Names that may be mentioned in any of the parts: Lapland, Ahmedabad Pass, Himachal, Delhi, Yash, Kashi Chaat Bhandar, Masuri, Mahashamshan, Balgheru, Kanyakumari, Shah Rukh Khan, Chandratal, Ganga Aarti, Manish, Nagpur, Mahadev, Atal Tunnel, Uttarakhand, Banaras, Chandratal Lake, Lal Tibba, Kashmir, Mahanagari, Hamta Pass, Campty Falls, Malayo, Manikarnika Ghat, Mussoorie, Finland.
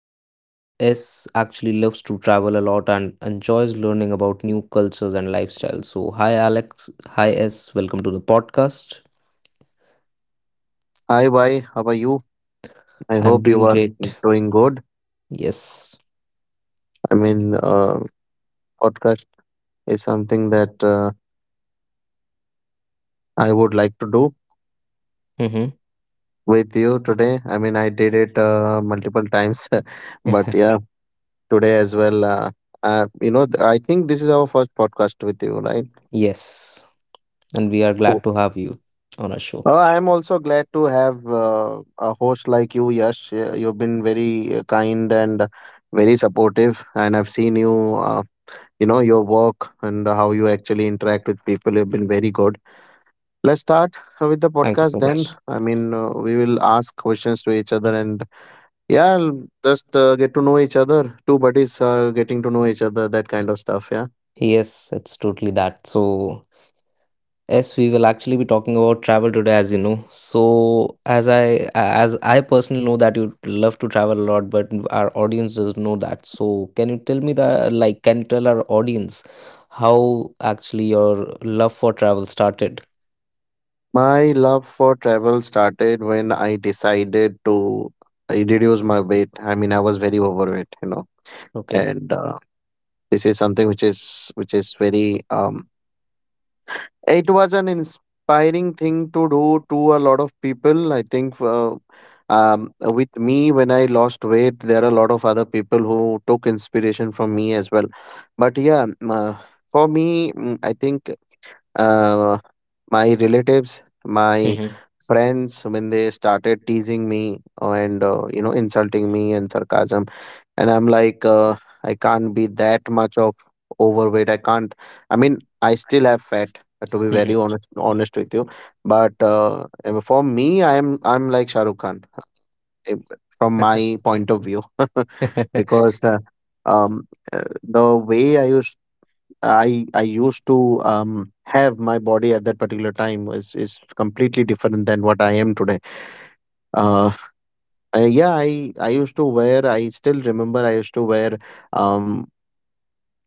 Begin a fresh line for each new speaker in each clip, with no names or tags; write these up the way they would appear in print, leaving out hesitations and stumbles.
So, S actually loves to travel a lot and enjoys learning about new cultures and lifestyles. So, hi Alex. Hi S. Welcome to the podcast.
Hi, bye. How are you? I
I'm
hope you
doing
are
great.
doing good.
Yes.
I mean, podcast is something that I would like to do
Mm-hmm.
with you today. I mean, I did it multiple times, but yeah, today as well. I think this is our first podcast with you, right?
Yes. And we are
Oh.
glad to have you on our show.
I'm also glad to have a host like you, Yash. You've been very kind and very supportive, and I've seen you. You know your work and how you actually interact with people. You have been very good. Let's start with the
Thank you
podcast
so
then.
much.
I mean, we will ask questions to each other, and yeah, just get to know each other. Two buddies getting to know each other, that kind of stuff, yeah.
Yes, it's totally that. So, yes, we will actually be talking about travel today, as you know. So, as I personally know that you love to travel a lot, but our audience doesn't know that. So, can you tell me the like? Can you tell our audience how actually your love for travel started?
My love for travel started when I decided to reduce my weight. I mean, I was very overweight.
Okay.
And this is something which is very um It was an inspiring thing to do to a lot of people. I think with me, when I lost weight, there are a lot of other people who took inspiration from me as well. But yeah, for me, I think uh, my relatives, my
Mm-hmm.
friends, when they started teasing me and insulting me, and sarcasm. And I'm like, I can't be that much of overweight. I can't. I mean, I still have fat. To be very
Mm-hmm.
honest with you. But for me, I'm like Shah Rukh Khan, uh, from my point of view. Because um, uh, the way I used to have my body at that particular time is completely different than what I am today. Uh, yeah, I used to wear. I still remember. I used to wear. Um,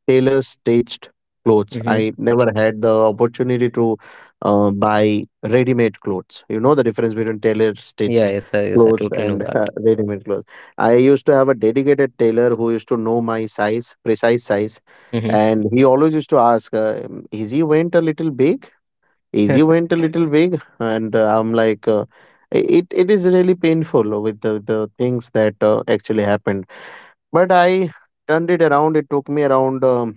Tailor stitched clothes.
Hmm.
I never had the opportunity to buy ready made clothes. You know the difference between tailor
Yeah.
stitched
Yes. I
clothes
totally know
and
that.
ready made clothes. I used to have a dedicated tailor who used to know my size, precise size,
Mm-hmm.
and he always used to ask, "Is he went a little big? Is he went a little big?" And I'm like. It is really painful with the things that actually happened. But I turned it around. It took me around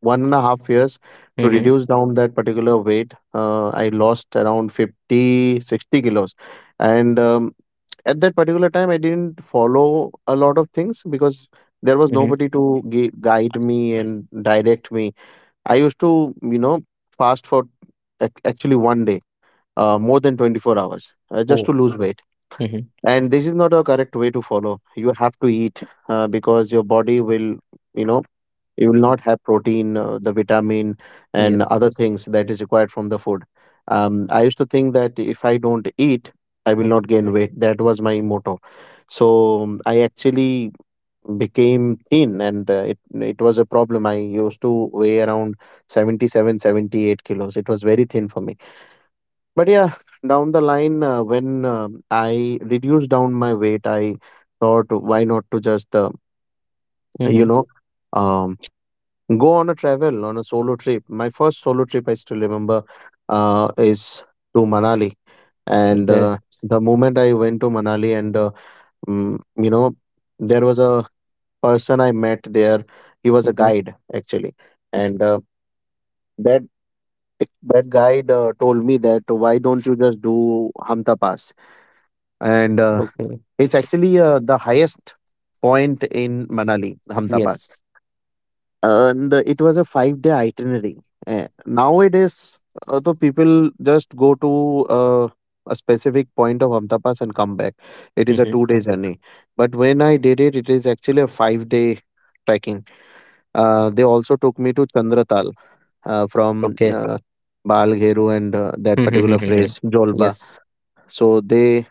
1.5 years to
Mm-hmm.
reduce down that particular weight. I lost around 50, 60 kilos. And at that particular time, I didn't follow a lot of things, because there was
Mm-hmm.
nobody to guide me and direct me. I used to, fast for actually one day, more than 24 hours, just
Oh.
to lose weight.
Mm-hmm.
And this is not a correct way to follow. You have to eat, because your body will, you know, you will not have protein, the vitamin, and other
Yes.
things that is required from the food. I used to think that if I don't eat, I will not
Mhm.
gain weight. That was my motto. So, I actually became thin, and it was a problem. I used to weigh around 77, 78 kilos. It was very thin for me. But yeah, down the line, when I reduced down my weight, I thought why not to just you know
Mhm.
um go on a travel, on a solo trip. My first solo trip, I still remember, is to Manali. And
Okay.
the moment I went to Manali, and mm, you know there was a person I met there. He was a
Mhm.
guide actually, and that that guide told me that why don't you just do Hamta Pass? And
Okay.
it's actually the highest point in Manali, Hamta Pass.
Yes.
And it was a 5 day itinerary. Nowadays, the people just go to a specific point of Ahmedabad Pass and come back. It is a two
Mhm.
day journey. But when I did it, it is actually a 5 day trekking. They also took me to Chandratal, from
Okay.
Balgheru, and that
Mm-hmm.
particular
Mm-hmm. Mm-hmm.
place, Jolba.
Yes.
So they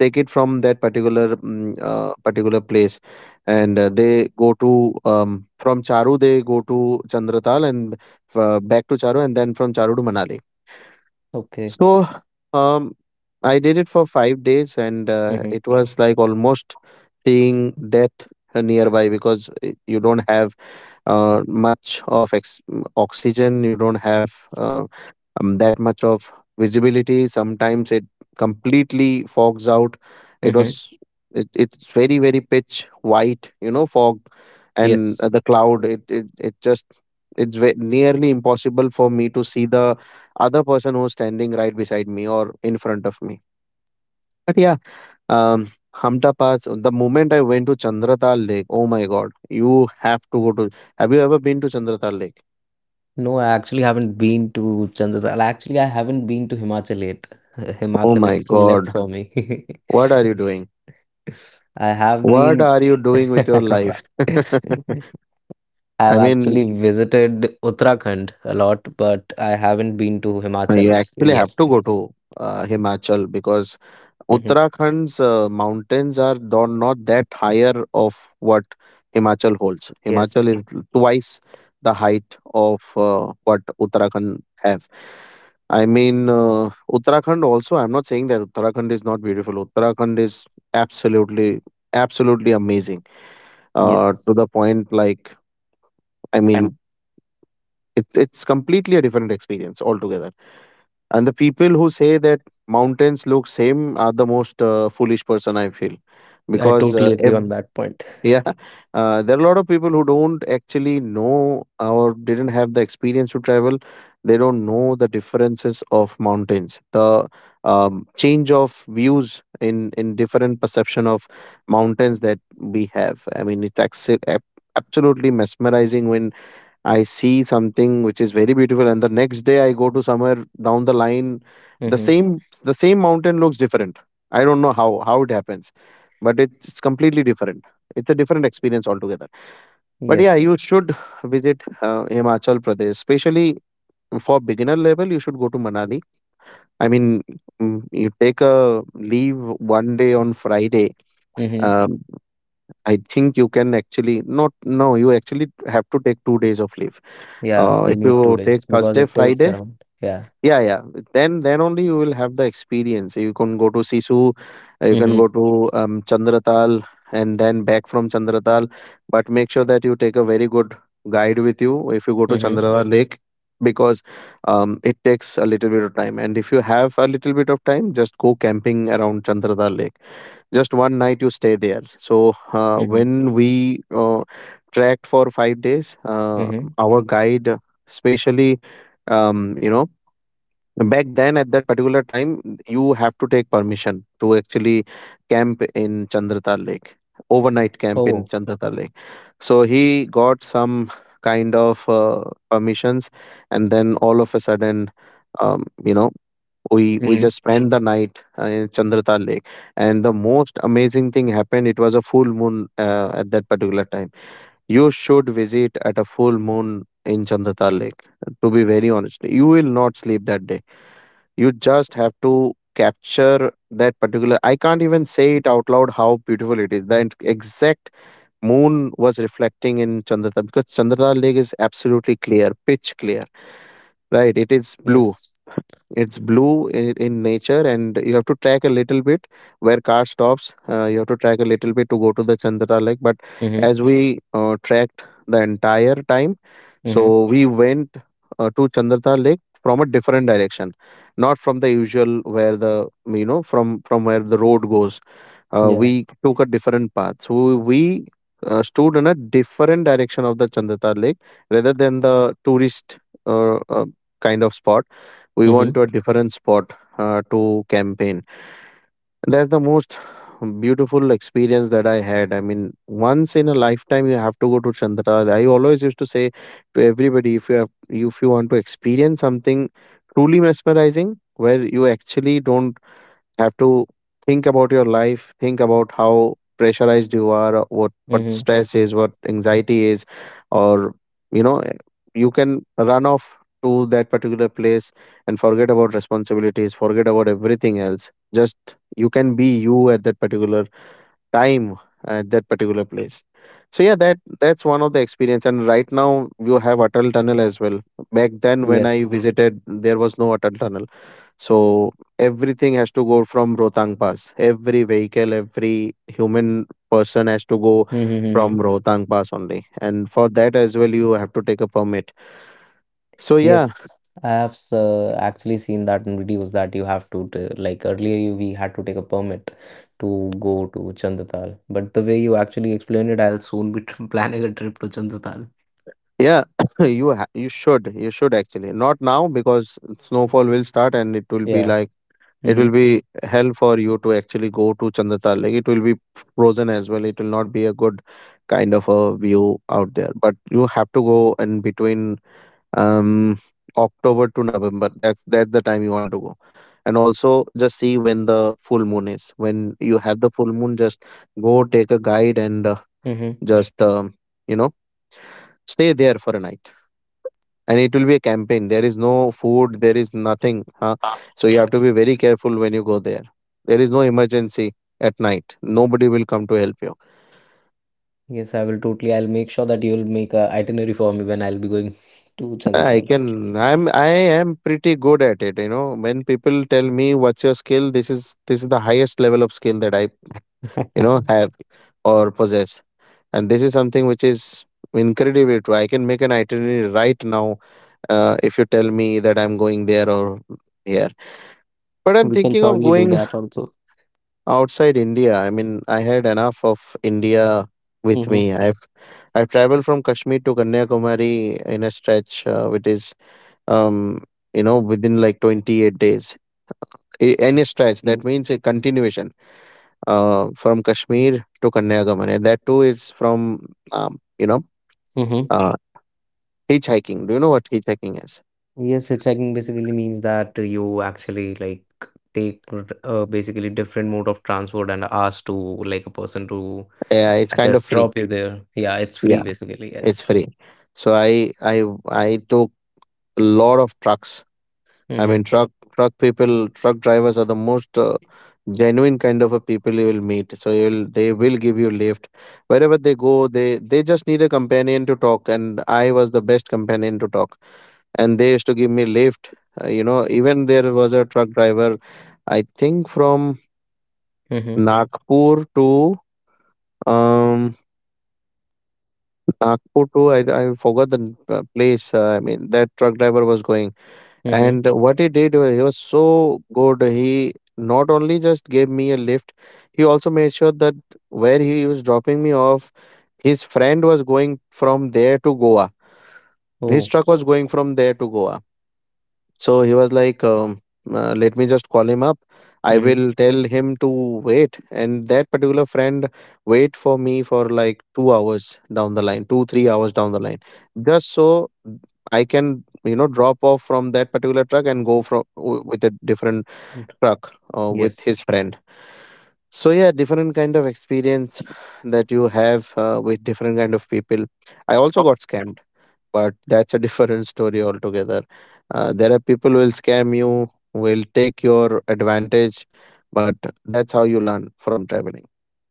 take it from that particular place, and they go to from Charu they go to Chandratal, and back to Charu, and then from Charu to Manali.
Okay.
So, um, I did it for 5 days, and
Mhm.
it was like almost seeing death nearby, because you don't have uh, much of oxygen. You don't have uh, that much of visibility. Sometimes it completely fogs out. It
Mhm.
was it's very very pitch white, fog and
Yes.
the cloud. It's nearly impossible for me to see the other person who's standing right beside me or in front of me. But yeah, Hamta Pass. The moment I went to Chandratal Lake, oh my god, you have to go to. Have you ever been to Chandratal Lake?
No, I actually haven't been to Chandratal. Actually, I haven't been to Himachal yet.
Oh
Himachal
my.
is
Yes.
still left
God,
for me.
what are you doing?
I have
What
been.
are you doing with your life?
I've
I mean,
actually visited Uttarakhand a lot, but I haven't been to
you
Himachal
actually have
yet.
to go to Himachal, because
Mhm.
Uttarakhand's mountains are not that higher of what Himachal holds. Himachal
Yes.
is twice the height of what Uttarakhand have. I mean, Uttarakhand also, I'm not saying that Uttarakhand is not beautiful. Uttarakhand is absolutely, absolutely amazing. To
Yes.
the point, like, I mean, it's completely a different experience altogether, and the people who say that mountains look same are the most foolish person, I feel,
I
because
totally agree
ev
on that point.
yeah. There are a lot of people who don't actually know or didn't have the experience to travel. They don't know the differences of mountains, the change of views in different perception of mountains that we have. I mean, it's absolutely mesmerizing. When I see something which is very beautiful, and the next day I go to somewhere down the line,
Hmm.
the same mountain looks different. I don't know how it happens, but it's completely different. It's a different experience altogether. But yeah,
Yes.
you should visit Himachal Pradesh, especially for beginner level. You should go to Manali. I mean, you take a leave one day on Friday.
Hmm.
Um, I think you can actually not. No, you actually have to take 2 days of leave.
Yeah,
If
we need
you
two
take
days because
Thursday,
it takes
Friday,
around. Yeah.
yeah, yeah, then only you will have the experience. You can go to Sisu, you can go
Hmm.
to Chandratal, and then back from Chandratal. But make sure that you take a very good guide with you if you go to
Hmm.
Chandratal Lake, because it takes a little bit of time. And if you have a little bit of time, just go camping around Chandratal Lake, just one night you stay there. So,
Hmm.
when we tracked for 5 days,
Hmm.
our guide, especially, um, you know back then at that particular time, you have to take permission to actually camp in Chandratal Lake, overnight camp in
Oh.
Chandratal Lake. So he got some kind of permissions, and then all of a sudden, um, you know we
Hmm.
just spent the night in Chandrata Lake. And the most amazing thing happened. It was a full moon at that particular time. You should visit at a full moon in Chandrata Lake. To be very honest, you will not sleep that day. You just have to capture that particular. I can't even say it out loud how beautiful it is. The exact moon was reflecting in Chandrata, because Chandrata Lake is absolutely clear, pitch clear. Right, it is blue.
Yes.
It's blue in, nature, and you have to track a little bit. Where car stops, you have to track a little bit to go to the Chandra Lake. But
Hmm.
as we tracked the entire time,
Hmm.
so we went to Chandra Lake from a different direction, not from the usual, where the you know from where the road goes. We
Yeah.
took a different path, so we stood in a different direction of the Chandra Lake, rather than the tourist uh, uh, kind of spot. We
Hmm.
want to a different spot to campaign. That's the most beautiful experience that I had. I mean, once in a lifetime, you have to go to Chandra. I always used to say to everybody, if you want to experience something truly mesmerizing, where you actually don't have to think about your life, think about how pressurized you are, what
Hmm.
stress is, what anxiety is, or you know eh, you can run off to that particular place, and forget about responsibilities, forget about everything else. Just you can be you at that particular time, at that particular place. So yeah, that's one of the experience. And right now you have Atal Tunnel as well. Back then when I
Yes.
visited, there was no Atal Tunnel. So everything has to go from Rohtang Pass. Every vehicle, every human person has to go from
Mm-hmm.
Rohtang Pass only. And for that as well, you have to take a permit. So yeah,
Yes, I have actually seen that in videos that you have to like earlier we had to take a permit to go to Chandratal, but the way you actually explained it, I'll soon be planning a trip to Chandratal.
yeah, you should, you should actually not now, because snowfall will start and it will be
Yeah.
like, it will
Mm-hmm.
be hell for you to actually go to Chandratal. Like, it will be frozen as well. It will not be a good kind of a view out there. But you have to go in between um October to November. That's the time you want to go. And also just see when the full moon is. When you have the full moon, just go, take a guide, and just you know stay there for a night. And it will be a campaign. There is no food, there is nothing, huh? So you have to be very careful when you go there. There is no emergency. At night, nobody will come to help you.
Yes, I will totally. I'll make sure that you'll make a itinerary for me when I'll be going to
I
Chandratal.
can, I am pretty good at it. You know, when people tell me what's your skill, this is the highest level of skill that I, you know, have or possess. And this is something which is incredibly true. I can make an itinerary right now, if you tell me that I'm going there or here. But I'm
We can
thinking of
surely do
going
that also.
outside India. I mean, I had enough of India with
Mm-hmm.
me. I've traveled from Kashmir to Kanyakumari in a stretch, which is um you know, within like 28 days. I- any stretch, that means a continuation, uh, from Kashmir to Kanyakumari. And that too is from, you know,
Mm-hmm.
uh hitchhiking. Do you know what hitchhiking is?
Yes, hitchhiking basically means that you actually like take basically different mode of transport and ask to like a person to
Yeah, it's kind of
just
free.
drop you there. Yeah, it's free
Yeah,
basically.
it's
Yes.
free. So I I took a lot of trucks. I
Mm-hmm.
mean, truck people, truck drivers are the most genuine kind of a people you will meet. So you'll, they will give you lift wherever they go. They just need a companion to talk, and I was the best companion to talk. And they used to give me lift. You know, even there was a truck driver, I think from
Mm-hmm.
Nagpur to um Nagpur to, I forgot the place. I mean, that truck driver was going.
Mm-hmm.
And what he did, he was so good. He not only just gave me a lift, he also made sure that where he was dropping me off, his friend was going from there to Goa. His
Oh.
truck was going from there to Goa. So he was like, let me just call him up. I
Mm-hmm.
will tell him to wait. And that particular friend wait for me for like 2 hours down the line, two, 3 hours down the line, just so I can, you know, drop off from that particular truck and go from with a different truck with his
Yes.
friend. So yeah, different kind of experience that you have with different kind of people. I also got scammed, but that's a different story altogether. There are people who will scam you, will take your advantage, but that's how you learn from traveling.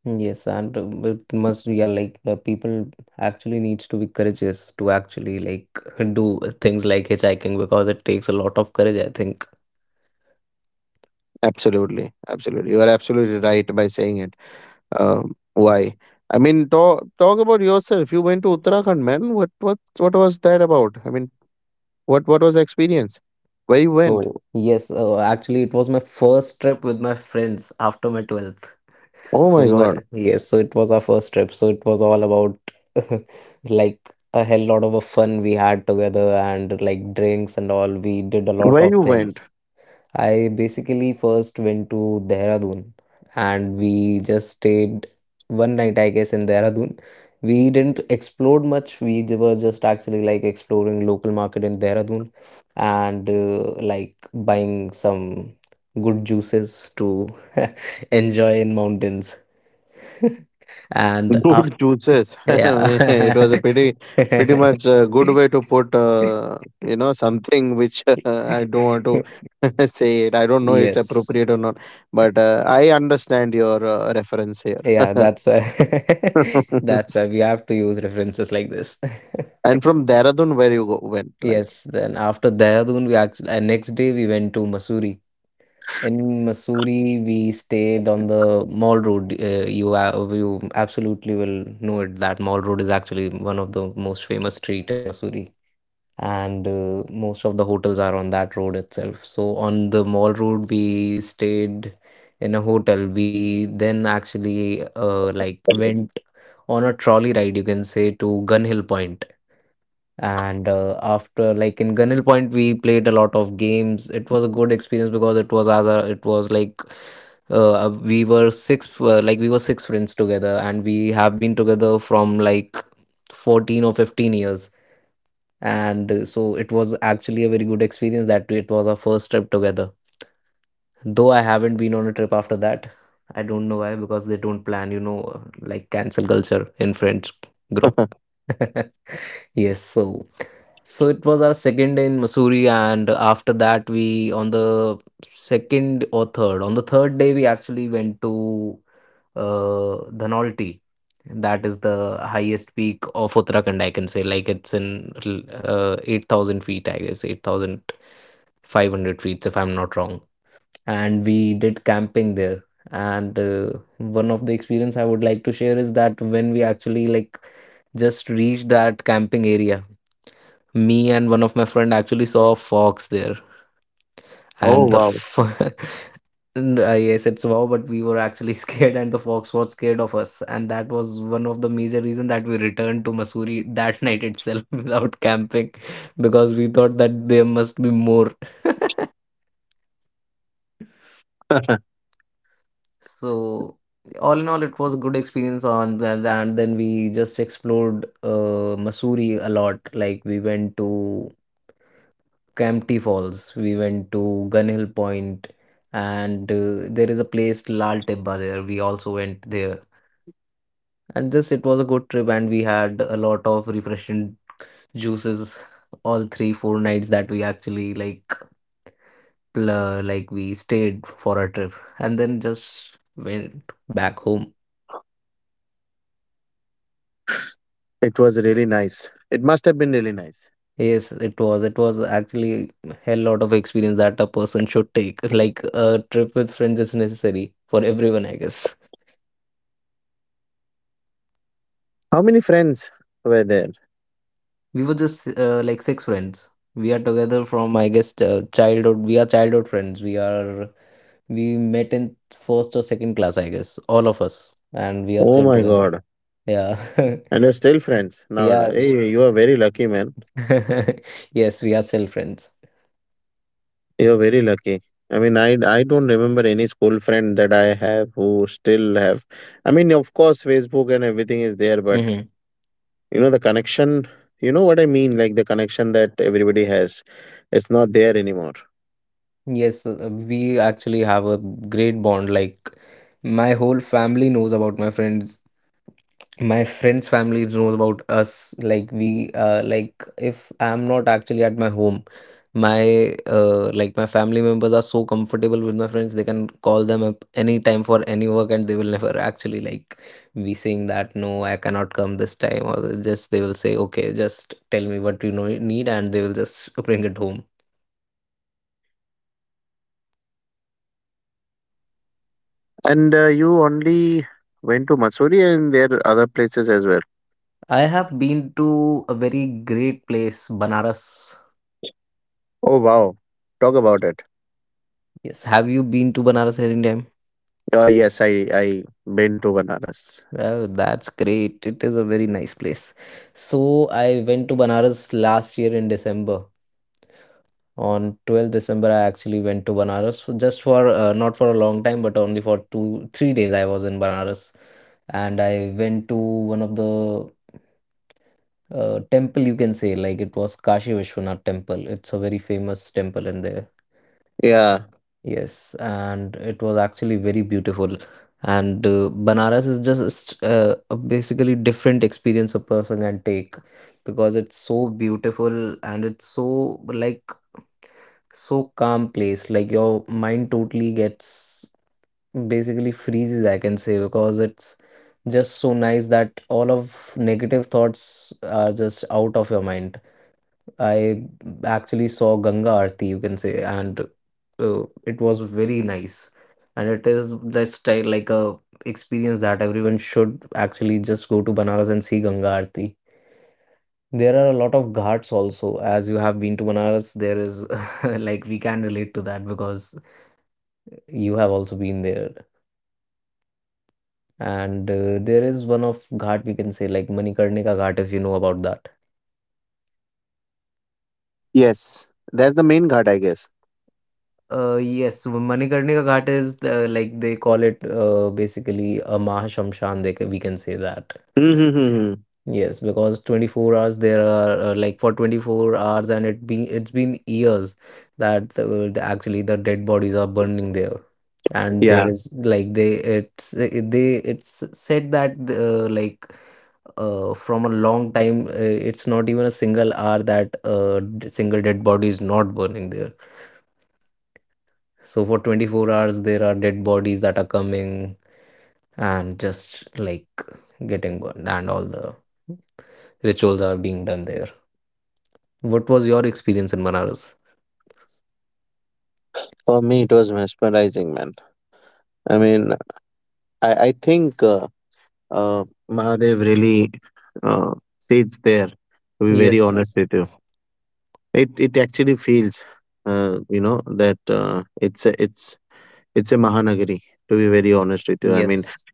Yes, and it must yeah, like people actually needs to be courageous to actually like do things like hitchhiking because it takes a lot of courage, I think.
Absolutely, absolutely. You are absolutely right by saying it. Why? I mean, talk about yourself. You went to Uttarakhand, man. What was that about? I mean, what was the experience? Where you went?
So yes, actually it was my first trip with my friends after my 12th.
Oh my
So
God,
yes, so it was our first trip. So it was all about like a hell lot of a fun we had together and like drinks and all. We did a lot
where
of
you went?
things. I basically first went to Dehradun and we just stayed one night, I guess, in Dehradun. We didn't explore much. Were just actually like exploring local market in Dehradun and like buying some good juices to enjoy in mountains. And after,
Good choices. I mean, it
yeah.
was a pretty, pretty much a good way to put, you know, something which I don't want to say it. I don't know it's
Yes.
appropriate or not, but I understand your reference here.
Yeah, that's why that's why we have to use references like this.
And from Dehradun, where you go, went, like,
Yes, then after Dehradun, we actually next day we went to Mussoorie. In Mussoorie, we stayed on the Mall Road. You absolutely will know it that Mall Road is actually one of the most famous street in Mussoorie and most of the hotels are on that road itself. So on the mall road we stayed in a hotel. We then actually like went on a trolley ride, you can say, to gun hill point Point. And after like in gun hill point we played a lot of games. It was a good experience because it was as a it was like we were six friends together and we have been together from like 14 or 15 years, and so it was actually a very good experience that it was our first trip together, though I haven't been on a trip after that. I don't know why, because they don't plan, you know, like cancel culture in french group. Yes, so so it was our second in Missouri, and after that we on the third day we actually went to Dhanolti. That is the highest peak of Uttarakhand, I can say. Like it's in 8,000 feet, I guess, 8,500 feet, if I'm not wrong. And we did camping there. And one of the experience I would like to share is that when we actually like just reached that camping area, me and one of my friend actually saw a fox there.
oh
and the
wow,
f- and I said "So, wow," but we were actually scared and the fox was scared of us, and that was one of the major reason that we returned to Missouri that night itself without camping, because we thought that there must be more. So all in all, it was a good experience on that. And then we just explored Missouri a lot. Like we went to Campty Falls. We went to Gun Hill Point, and there is a place Lal Tibba there. We also went there, and just it was a good trip, and we had a lot of refreshing juices all 3 4 nights that we actually like like we stayed for our trip, and then just went back home.
it was really nice. It must have been really nice.
Yes, it was. It was actually a lot of experience that a person should take. Like a trip with friends is necessary for everyone, I guess.
How many friends were there?
We were just like six friends. We are together from I guess childhood. We are childhood friends. We met in first or second class, I guess, all of us, and we are
Oh
still
my
together.
god,
Yeah.
and you're still friends now.
Yeah.
Hey, you are very lucky, man.
Yes, we are still friends.
You're very lucky. I mean, I don't remember any school friend that I have who still have. I mean, of course, Facebook and everything is there, but
Hmm.
you know, the connection. You know what I mean, like the connection that everybody has, it's not there anymore.
Yes, we actually have a great bond. Like my whole family knows about my friends. My friends' families know about us. Like if I'm not actually at my home, my like my family members are so comfortable with my friends. They can call them up anytime for any work, and they will never actually like be saying that no, I cannot come this time, or they will say okay, just tell me what you know need, and they will just bring it home.
And you only went to Masuri, and there are other places as well.
I have been to a very great place, Banaras.
Oh wow, talk about it.
Yes, have you been to Banaras anytime?
Oh yes, I been to Banaras.
Oh, that's great. It is a very nice place. So I went to Banaras last year in December. On 12th December, I actually went to Banaras for just for not for a long time, but only for two, 3 days. I was in Banaras, and I went to one of the temple, you can say. Like it was Kashi Vishwanath temple. It's a very famous temple in there.
Yeah.
Yes, and it was actually very beautiful. And Banaras is just a basically different experience a person can take because it's so beautiful and it's so like so calm place. Like your mind totally gets basically freezes, I can say, because it's just so nice that all of negative thoughts are just out of your mind. I actually saw Ganga Aarti, you can say, and it was very nice. And it is just like a experience that everyone should actually just go to Banaras and see Ganga Aarti. There are a lot of ghats also. As you have been to Banaras, there is like we can relate to that because you have also been there. And there is one of ghat, we can say, like Manikarnika Ghat, if you know about that.
Yes, that's the main ghat, I guess.
Yes, so Manikarnika Ghat is the, like they call it basically a Mahashamshan. We can say that.
Mm-hmm.
Yes, because 24 hours there are like for 24 hours, and it's been years that the actually the dead bodies are burning there. And
Yeah.
there is like they it's it, they it's said that like from a long time it's not even a single hour that single dead body is not burning there. So for 24 hours, there are dead bodies that are coming and just like getting burned, and all the rituals are being done there. What was your experience in Banaras?
For me, it was mesmerizing, man. I mean, I think uh, Mahadev really uh, sits there, to be very honest
Yes,
with you. It actually feels, you know, that it's, a, it's, it's a Mahanagari, to be very honest with you. I mean,
yes,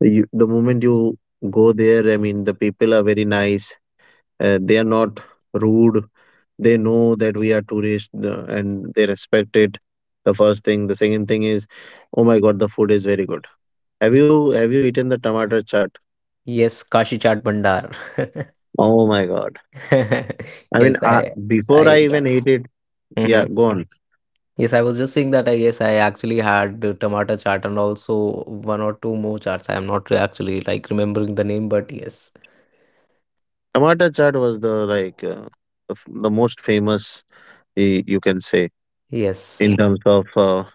you, the moment you go there, I mean, the people are very nice. They are not rude. They know that we are tourists and they respect it. The first thing. The second thing is, oh my god, the food is very good. Have you eaten the tomato chaat?
yes, Kashi Chaat Bhandar.
Oh my god. I mean,
Yes, I,
before
I,
I even ate it, yeah,
Mhm.
gone.
Yes, I was just saying that I guess I actually had the tomato chaat and also one or two more chaats. I am not re- actually like remembering the name, but yes,
Tomato chaat was the like the, the most famous, you can say, in
yes,
terms of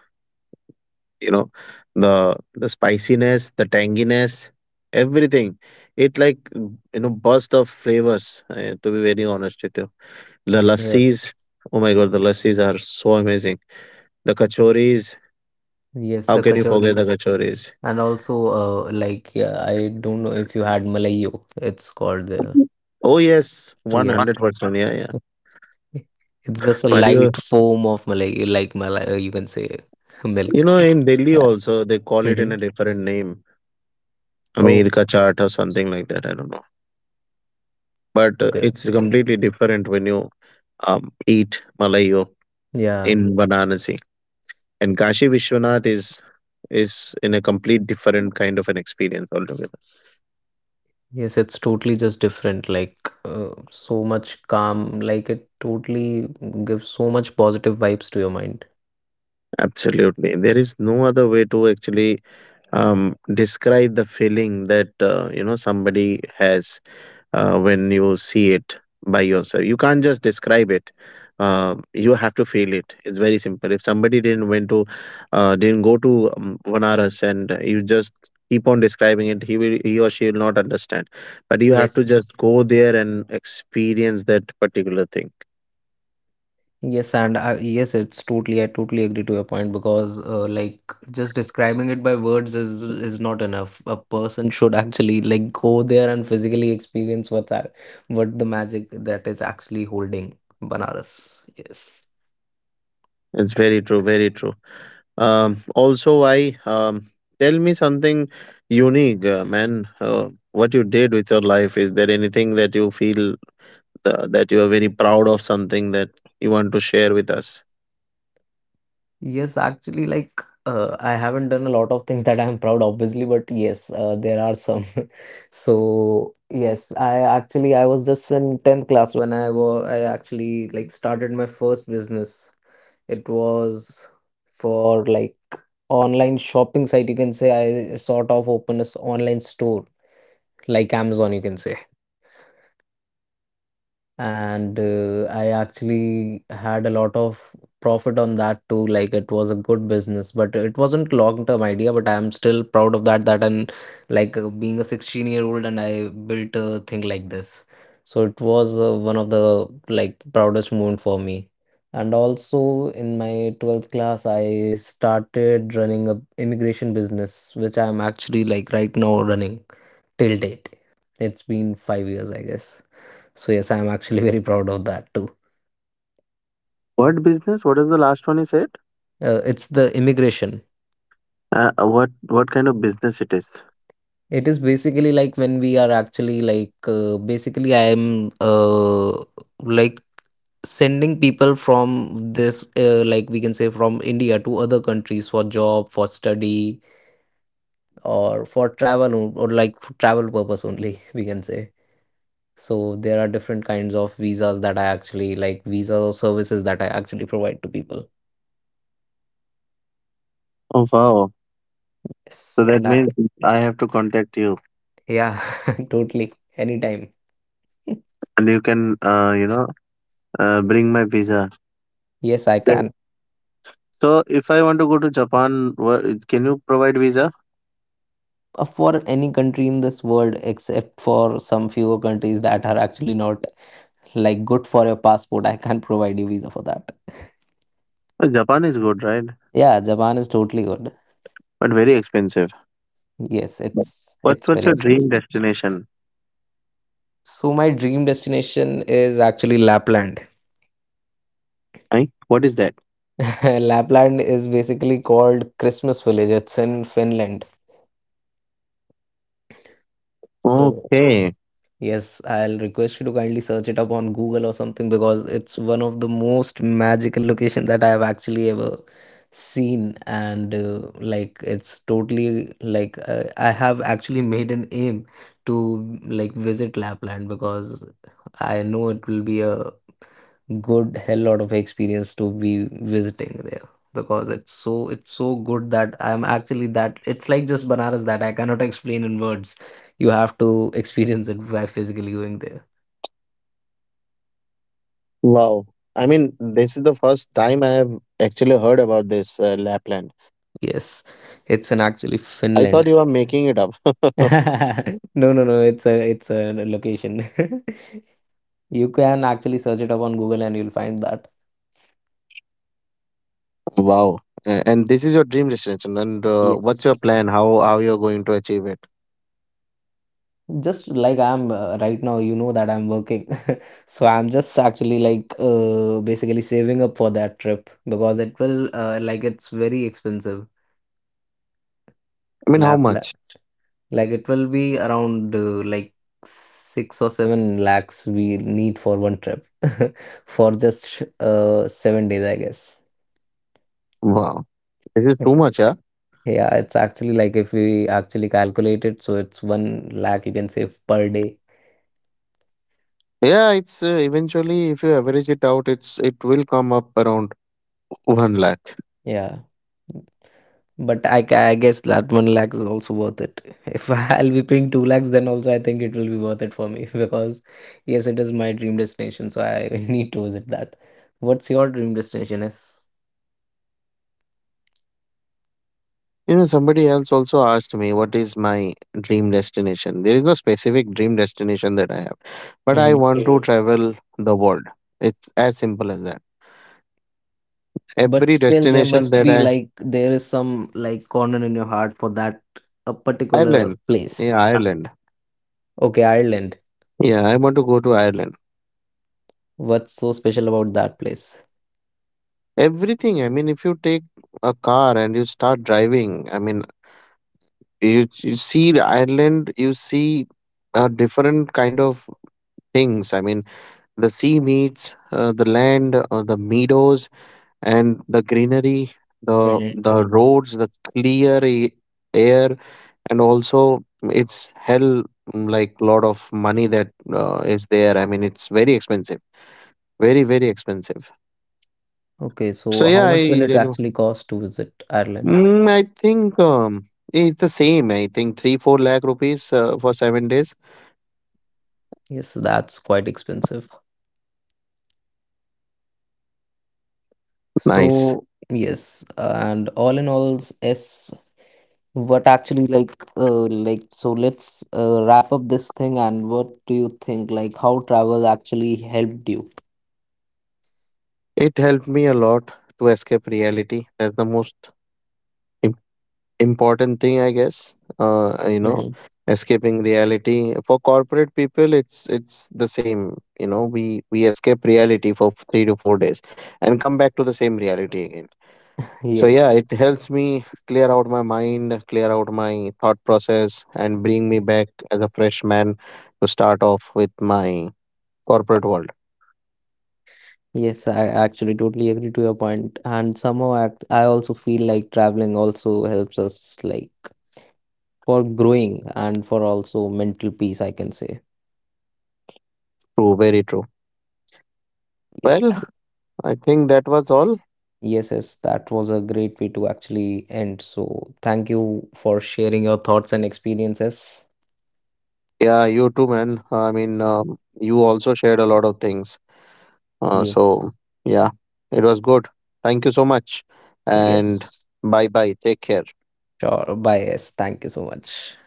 you know, the spiciness, the tanginess, everything. It, like, you know, burst of flavors. To be very honest with you, the lassis.
yes,
Oh my god, the lassis are so amazing. The kachoris.
yes,
How
the
can you forget the
kachoris.
kachoris?
And also, like, yeah, I don't know if you had Malayo, it's called there.
Oh yes, one
Yeah.
hundred percent. Yeah,
It's just a
yeah.
light foam of Malayo, like Malay, you can say
You
milk.
know,
Yeah.
in Delhi
Yeah.
also they call it
Hmm.
in a different name, Ameer
Oh,
ka chaat or something like that. I don't know, but
okay.
it's completely different when you eat Malayo
Yeah.
in Varanasi. And Kashi Vishwanath is in a complete different kind of an experience altogether.
Yes, it's totally just different. Like, so much calm. Like, it totally gives so much positive vibes to your mind.
Absolutely, there is no other way to actually describe the feeling that you know somebody has when you see it by yourself. You can't just describe it. You have to feel it. It's very simple. If somebody didn't went to, didn't go to Vanaras, and you just keep on describing it, he will, he or she will not understand. But you have to
Yes.
just go there and experience that particular thing.
Yes, and I, yes, it's totally. I totally agree to your point because, just describing it by words is not enough. A person should actually like go there and physically experience what that, what the magic that is actually holding Banaras. Yes.
It's very true. Very true. Also, I tell me something unique, man. What you did with your life? Is there anything that you feel that you are very proud of, something that you want to share with us?
Yes, actually, I haven't done a lot of things that I'm proud, obviously, but yes, there are some. So yes, I was just in 10th class when I actually like started my first business. It was for like online shopping site. You can say I sort of opened this online store like Amazon, you can say, and I actually had a lot of profit on that too. Like it was a good business, but it wasn't long term idea. But I am still proud of that. That and being a 16-year-old, and I built a thing like this. So it was one of the like proudest moment for me. And also in my 12th class, I started running a immigration business, which I am actually like right now running till date. It's been 5 years, I guess. So yes, I'm actually very proud of that too.
What business? What is the last one you said?
It's the immigration.
What kind of business it is?
It is basically like when we are actually basically I am like sending people from this like we can say from India to other countries for job, for study, or for travel or like for travel purpose only we can say. So there are different kinds of visas that I actually like visas or services that I actually provide to people.
Oh wow! So
Yes,
that
and I
means I have to contact you,
yeah, totally anytime.
and you can you know, bring my visa.
Yes, I
Sure.
can.
So if I want to go to Japan, can you provide visa?
For any country in this world, except for some few countries that are actually not like good for your passport, I can't provide you visa for that.
Japan is good, right?
Yeah, Japan is totally good.
But very expensive.
Yes, it's
What
it's
what's
very
your dream
expensive.
destination?
So my dream destination is actually Lapland.
I? What is that?
Lapland is basically called Christmas Village. It's in Finland. So
Okay.
yes, I'll request you to kindly search it up on Google or something because it's one of the most magical location that I have actually ever seen, and it's totally I have actually made an aim to like visit Lapland because I know it will be a good hell lot of experience to be visiting there because it's so good that I'm actually that it's like just Banaras that I cannot explain in words. You have to experience it by physically going there.
Wow. I mean, this is the first time I have actually heard about this Lapland.
Yes, it's in actually
I thought
Finland.
you were making it up.
No, no, no, it's a location. You can actually search it up on Google and you'll find that.
Wow. A- And this is your dream destination. And what's your
Yes.
plan? How you're going to achieve it?
Just like I'm right now you know that I'm working, so I'm just actually basically saving up for that trip because it will it's very expensive.
I mean, how
Lap, lap
much?
Like it will be around 6 or 7 lakhs we need for 1 trip, for just 7 days I guess.
Wow. This is too much, huh?
Yeah, it's actually like if we actually calculate it, so it's 1 lakh you can save per day.
Yeah, it's eventually if you average it out, it's, it will come up around one lakh.
Yeah. But I guess that 1 lakh is also worth it. If I'll be paying 2 lakhs, then also I think it will be worth it for me, because yes, it is my dream destination, so I need to visit that. What's your dream destination is?
You know, somebody else also asked me, what is my dream destination? There is no specific dream destination that I have, but I
Hmm.
want to travel the world. It's as simple as that.
But
Every
still, there
destination
must
that
be
I,
like there is some like corner in your heart for that a particular
Ireland, yeah,
place. Yeah.
Ireland.
Okay, Ireland.
Yeah, I want to go to Ireland.
What's so special about that place?
Everything, I mean, if you take a car and you start driving, I mean, you see the Ireland, you see different kind of things. I mean, the sea meets the land, the meadows and the greenery,
Hmm.
the roads, the clear air. And also it's hell, like, lot of money that is there. I mean, it's very expensive, very very expensive.
Okay,
so
so how
yeah i
much will it
really,
actually cost to visit Ireland?
I think it's the same, I think, 3-4 lakh rupees for 7 days.
Yes, that's quite expensive.
Nice.
So yes, and all in all, yes, what actually so let's wrap up this thing and what do you think like how travel actually helped you?
It helped me a lot to escape reality. That's the most important thing, I guess. Uh you know,
Hmm.
escaping reality. For corporate people, it's the same. You know, we escape reality for 3 to 4 days and come back to the same reality again. So yeah,
Yes.
it helps me clear out my mind, clear out my thought process, and bring me back as a fresh man to start off with my corporate world.
Yes, I actually totally agree to your point. And somehow I also feel like traveling also helps us like for growing and for also mental peace, I can say.
True, very true. Well,
Yes.
I think that was all.
Yes, yes, that was a great way to actually end. So, thank you for sharing your thoughts and experiences.
Yeah, you too, man. I mean you also shared a lot of things. So
Yes.
yeah, it was good. Thank you so much, and
Yes,
bye bye. Take care.
sure. Bye. Yes, thank you so much.